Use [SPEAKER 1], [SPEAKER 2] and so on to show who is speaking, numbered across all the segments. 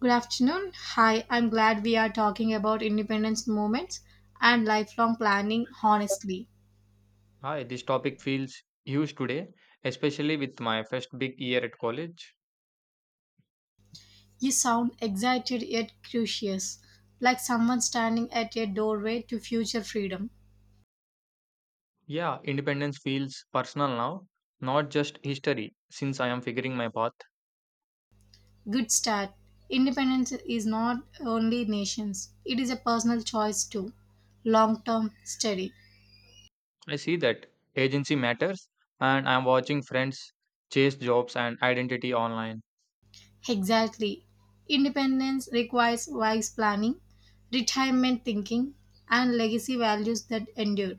[SPEAKER 1] Good afternoon. Hi, I'm glad we are talking about independence movements and lifelong planning honestly.
[SPEAKER 2] Hi, this topic feels huge today, especially with my first big year at college.
[SPEAKER 1] You sound excited yet curious, like someone standing at a doorway to future freedom.
[SPEAKER 2] Yeah, independence feels personal now, not just history, since I am figuring my path.
[SPEAKER 1] Good start. Independence is not only nations, it is a personal choice too. Long term study.
[SPEAKER 2] I see that agency matters, and I am watching friends chase jobs and identity online.
[SPEAKER 1] Exactly. Independence requires wise planning, retirement thinking, and legacy values that endure.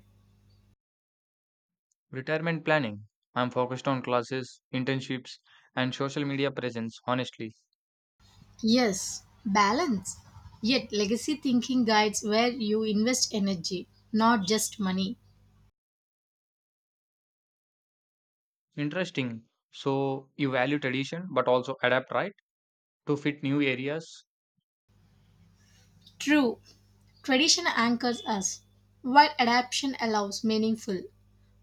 [SPEAKER 2] Retirement planning. I am focused on classes, internships, and social media presence, honestly.
[SPEAKER 1] Yes, balance. Yet legacy thinking guides where you invest energy, not just money.
[SPEAKER 2] Interesting. So, you value tradition but also adapt, right? To fit new areas.
[SPEAKER 1] True, tradition anchors us, while adaptation allows meaningful.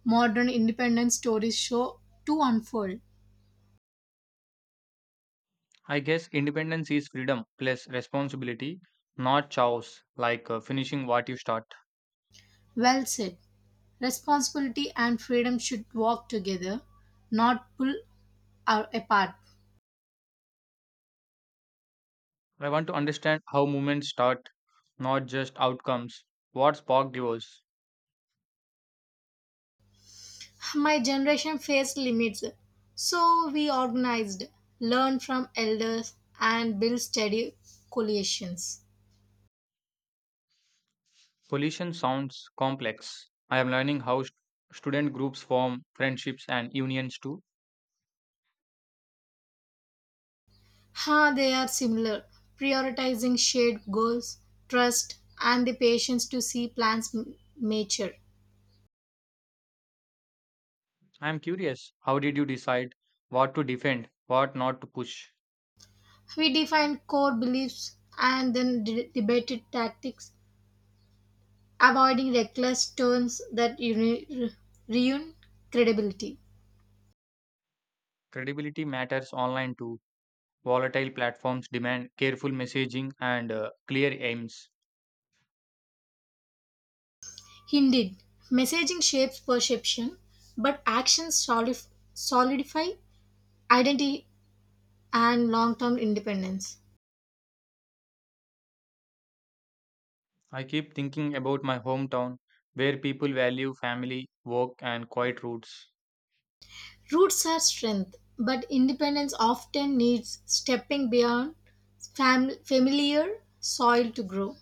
[SPEAKER 1] Modern independent stories show to unfold.
[SPEAKER 2] I guess independence is freedom plus responsibility, not chaos, like finishing what you start.
[SPEAKER 1] Well said. Responsibility and freedom should walk together, not pull our apart.
[SPEAKER 2] I want to understand how movements start, not just outcomes. What sparked yours?
[SPEAKER 1] My generation faced limits, so we organized, learned from elders, and built steady coalitions.
[SPEAKER 2] Pollution sounds complex. I am learning how student groups form friendships and unions too.
[SPEAKER 1] Ha, they are similar, prioritizing shared goals, trust, and the patience to see plans mature.
[SPEAKER 2] I am curious, how did you decide what to defend, what not to push?
[SPEAKER 1] We define core beliefs and then debated tactics, avoiding reckless turns that ruin credibility.
[SPEAKER 2] Credibility matters online too. Volatile platforms demand careful messaging and clear aims.
[SPEAKER 1] Indeed, messaging shapes perception, but actions solidify identity and long term independence.
[SPEAKER 2] I keep thinking about my hometown where people value family, work, and quiet roots.
[SPEAKER 1] Roots are strength, but independence often needs stepping beyond familiar soil to grow.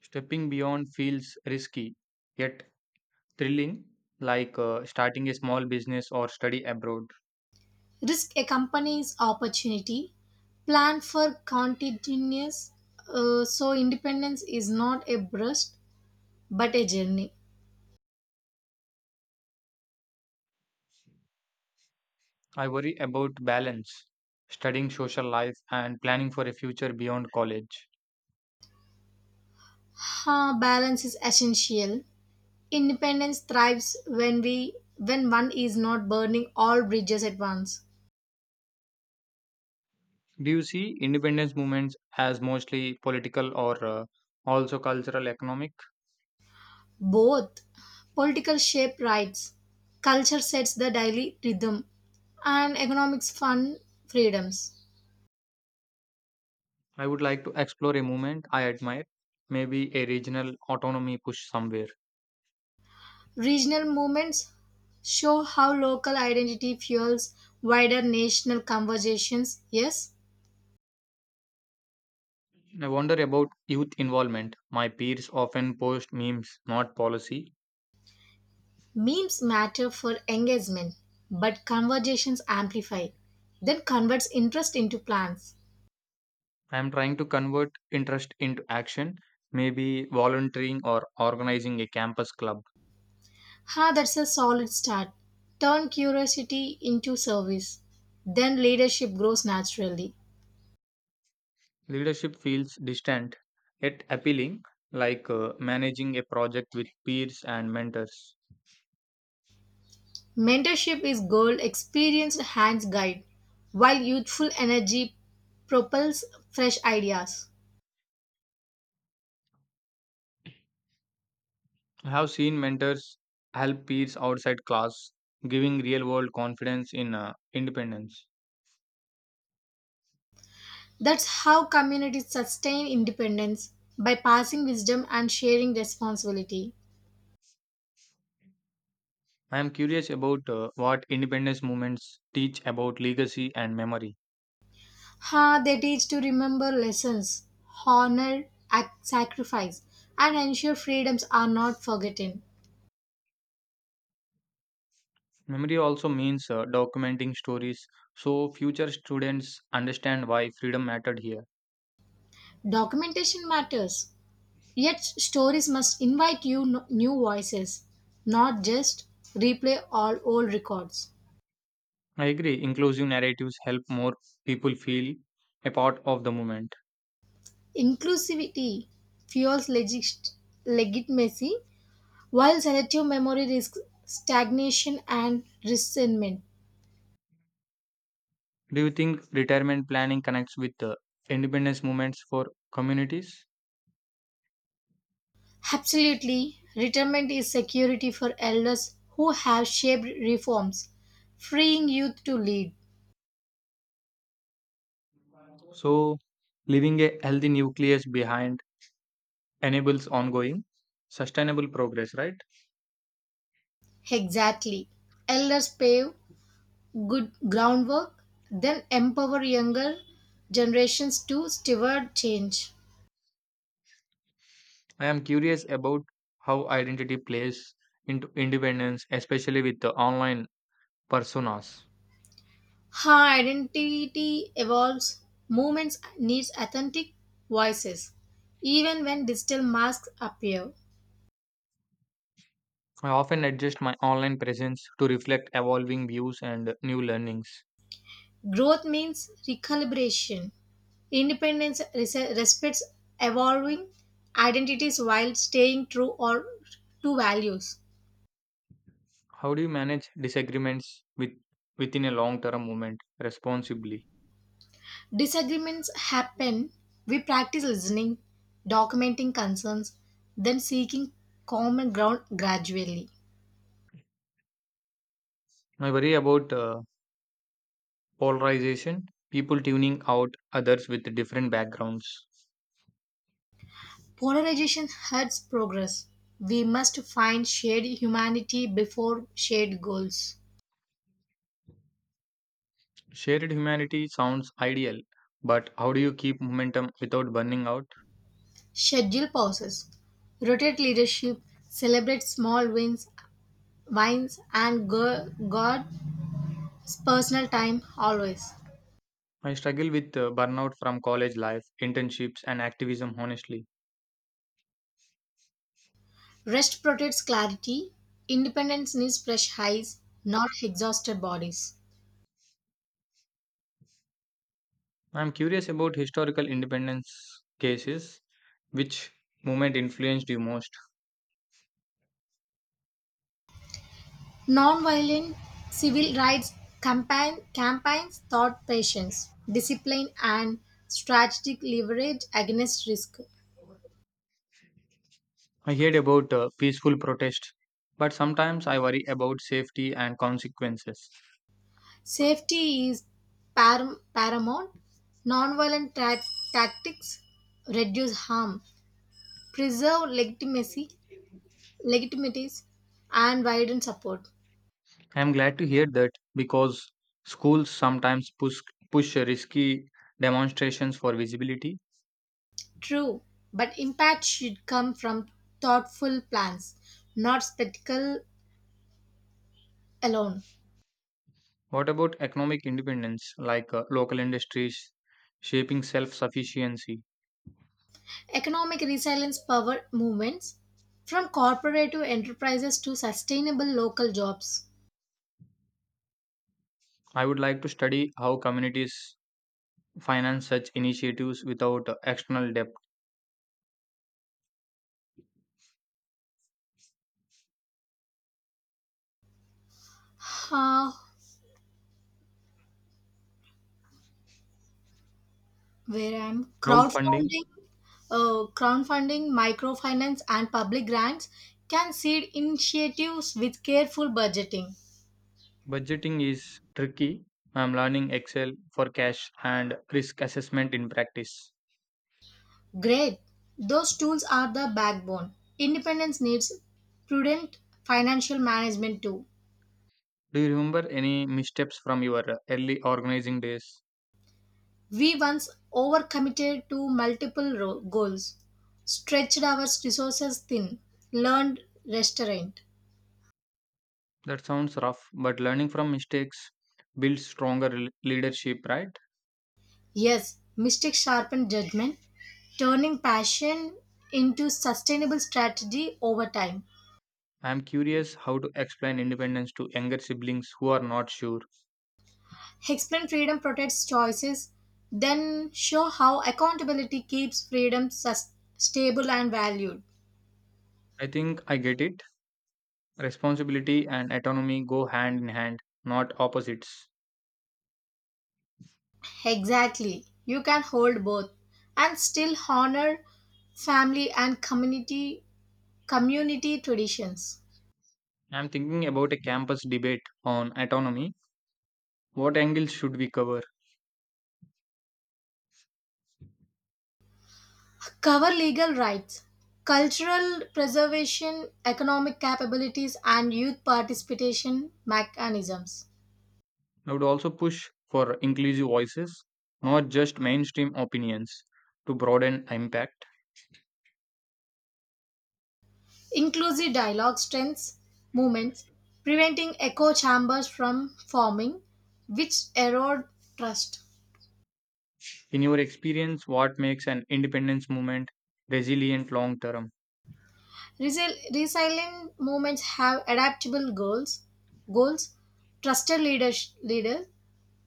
[SPEAKER 2] Stepping beyond feels risky, yet thrilling, like starting a small business or study abroad.
[SPEAKER 1] Risk accompanies opportunity. Plan for continuous. So independence is not a burst but a journey.
[SPEAKER 2] I worry about balance, studying social life, and planning for a future beyond college.
[SPEAKER 1] Ha, balance is essential. Independence thrives when we when one is not burning all bridges at once.
[SPEAKER 2] Do you see independence movements as mostly political or also cultural economic?
[SPEAKER 1] Both. Political shape rights, culture sets the daily rhythm, and economics fund freedoms.
[SPEAKER 2] I would like to explore a movement I admire, maybe a regional autonomy push somewhere.
[SPEAKER 1] Regional movements show how local identity fuels wider national conversations. Yes,
[SPEAKER 2] I wonder about youth involvement. My peers often post memes, not policy.
[SPEAKER 1] memes matter for engagement, but conversations amplify, then converts interest into plans.
[SPEAKER 2] I am trying to convert interest into action, maybe volunteering or organizing a campus club.
[SPEAKER 1] Ha, that's a solid start. Turn curiosity into service. Then leadership grows naturally.
[SPEAKER 2] Leadership feels distant yet appealing, like managing a project with peers and mentors.
[SPEAKER 1] Mentorship is gold, experienced hands guide, while youthful energy propels fresh ideas.
[SPEAKER 2] I have seen mentors help peers outside class, giving real world confidence in independence.
[SPEAKER 1] That's how communities sustain independence by passing wisdom and sharing responsibility.
[SPEAKER 2] I am curious about what independence movements teach about legacy and memory.
[SPEAKER 1] Ha, they teach to remember lessons, honor, sacrifice, and ensure freedoms are not forgotten.
[SPEAKER 2] Memory also means documenting stories so future students understand why freedom mattered here.
[SPEAKER 1] Documentation matters, yet stories must invite you no- new voices, not just replay all old records.
[SPEAKER 2] I agree, inclusive narratives help more people feel a part of the movement.
[SPEAKER 1] Inclusivity fuels legitimacy, while selective memory risks stagnation and resentment.
[SPEAKER 2] Do you think retirement planning connects with independence movements for communities?
[SPEAKER 1] Absolutely, retirement is security for elders who have shaped reforms, freeing youth to lead.
[SPEAKER 2] So, leaving a healthy nucleus behind enables ongoing sustainable progress, right?
[SPEAKER 1] Exactly. Elders pave good groundwork, then empower younger generations to steward change.
[SPEAKER 2] I am curious about how identity plays into independence, especially with the online personas.
[SPEAKER 1] Her identity evolves, movements needs authentic voices, even when digital masks appear.
[SPEAKER 2] I often adjust my online presence to reflect evolving views and new learnings.
[SPEAKER 1] Growth means recalibration. Independence respects evolving identities while staying true or to values.
[SPEAKER 2] How do you manage disagreements with within a long-term movement responsibly?
[SPEAKER 1] Disagreements happen. We practice listening, documenting concerns, then seeking common ground gradually.
[SPEAKER 2] I worry about polarization, people tuning out others with different backgrounds.
[SPEAKER 1] Polarization hurts progress. We must find shared humanity before shared goals.
[SPEAKER 2] Shared humanity sounds ideal, but how do you keep momentum without burning out?
[SPEAKER 1] Schedule pauses. Rotate leadership. Celebrate small wins and God's personal time always.
[SPEAKER 2] I struggle with burnout from college life, internships, and activism honestly.
[SPEAKER 1] Rest protects clarity. Independence needs fresh highs, not exhausted bodies.
[SPEAKER 2] I'm curious about historical independence cases. Which movement influenced you most?
[SPEAKER 1] Nonviolent civil rights campaigns taught patience, discipline, and strategic leverage against risk.
[SPEAKER 2] I heard about peaceful protest, but sometimes I worry about safety and consequences.
[SPEAKER 1] Safety is paramount. Nonviolent tactics reduce harm, preserve legitimities, and widen support.
[SPEAKER 2] I'm glad to hear that because schools sometimes push risky demonstrations for visibility.
[SPEAKER 1] True, but impact should come from thoughtful plans, not spectacle alone.
[SPEAKER 2] What about economic independence, like local industries shaping self sufficiency?
[SPEAKER 1] Economic resilience power movements from corporative enterprises to sustainable local jobs.
[SPEAKER 2] I would like to study how communities finance such initiatives without external debt.
[SPEAKER 1] Uh, where I'm
[SPEAKER 2] Crowdfunding
[SPEAKER 1] crowdfunding, Crowdfunding, microfinance, and public grants can seed initiatives with careful budgeting.
[SPEAKER 2] budgeting is tricky. I'm learning Excel for cash and risk assessment in practice.
[SPEAKER 1] Great, those tools are the backbone. Independence needs prudent financial management too.
[SPEAKER 2] Do you remember any missteps from your early organizing days?
[SPEAKER 1] We once overcommitted to goals, stretched our resources thin, learned restraint.
[SPEAKER 2] That sounds rough, but learning from mistakes builds stronger leadership, right?
[SPEAKER 1] Yes, mistakes sharpen judgment, turning passion into sustainable strategy over time.
[SPEAKER 2] I'm curious how to explain independence to younger siblings who are not sure.
[SPEAKER 1] Explain freedom protects choices, then show how accountability keeps freedom stable and valued.
[SPEAKER 2] I think I get it. Responsibility and autonomy go hand in hand, not opposites.
[SPEAKER 1] Exactly. You can hold both and still honor family and community traditions,
[SPEAKER 2] I'm thinking about a campus debate on autonomy. What angles should we cover?
[SPEAKER 1] cover legal rights, cultural preservation, economic capabilities, and youth participation mechanisms,
[SPEAKER 2] I would also push for inclusive voices, not just mainstream opinions, to broaden impact.
[SPEAKER 1] inclusive dialogue strengths, movements, preventing echo chambers from forming, which erode trust.
[SPEAKER 2] In your experience, what makes an independence movement resilient long term?
[SPEAKER 1] Resilient movements have adaptable goals, trusted leaders,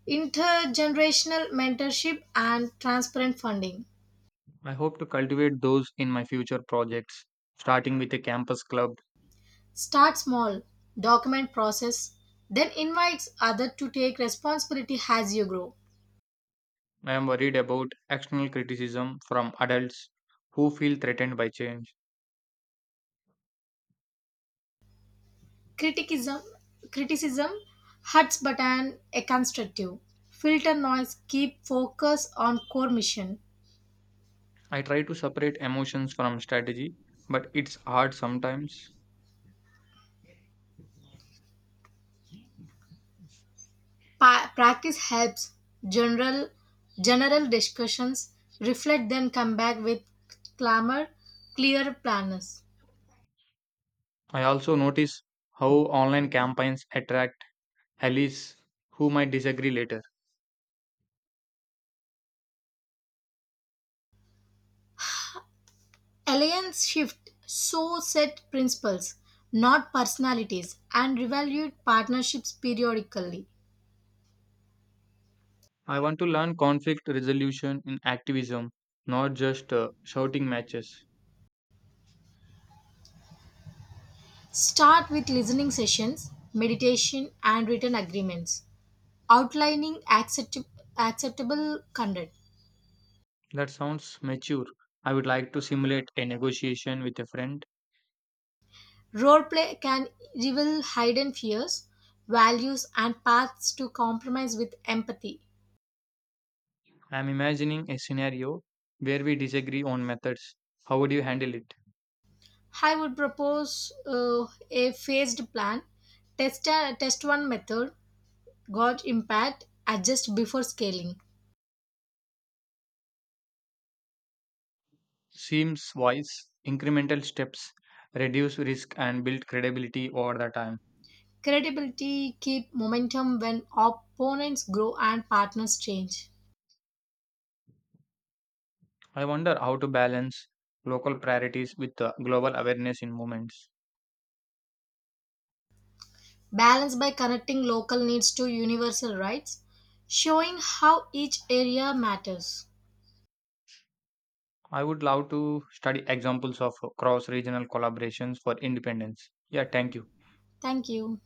[SPEAKER 1] intergenerational mentorship, and transparent funding.
[SPEAKER 2] I hope to cultivate those in my future projects, starting with a campus club.
[SPEAKER 1] Start small, document process, then invites others to take responsibility as you grow.
[SPEAKER 2] I am worried about external criticism from adults who feel threatened by change.
[SPEAKER 1] Criticism Criticism hurts but an a constructive. Filter noise, keep focus on core mission.
[SPEAKER 2] I try to separate emotions from strategy, but it's hard sometimes.
[SPEAKER 1] Practice helps general general discussions reflect then come back with clamor clear planners.
[SPEAKER 2] I also notice how online campaigns attract allies who might disagree later.
[SPEAKER 1] Alliance shift so set principles, not personalities, and reevaluate partnerships periodically.
[SPEAKER 2] I want to learn conflict resolution in activism, not just shouting matches.
[SPEAKER 1] Start with listening sessions, meditation, and written agreements, outlining acceptable conduct.
[SPEAKER 2] That sounds mature. I would like to simulate a negotiation with a friend.
[SPEAKER 1] Role play can reveal hidden fears, values, and paths to compromise with empathy.
[SPEAKER 2] I am imagining a scenario where we disagree on methods. How would you handle it?
[SPEAKER 1] I would propose a phased plan, test one method, got impact, adjust before scaling.
[SPEAKER 2] Seems wise. Incremental steps reduce risk and build credibility over the time.
[SPEAKER 1] Credibility keep momentum when opponents grow and partners change.
[SPEAKER 2] I wonder how to balance local priorities with global awareness in movements.
[SPEAKER 1] Balance by connecting local needs to universal rights, showing how each area matters.
[SPEAKER 2] I would love to study examples of cross regional collaborations for independence. Yeah, thank you.
[SPEAKER 1] Thank you.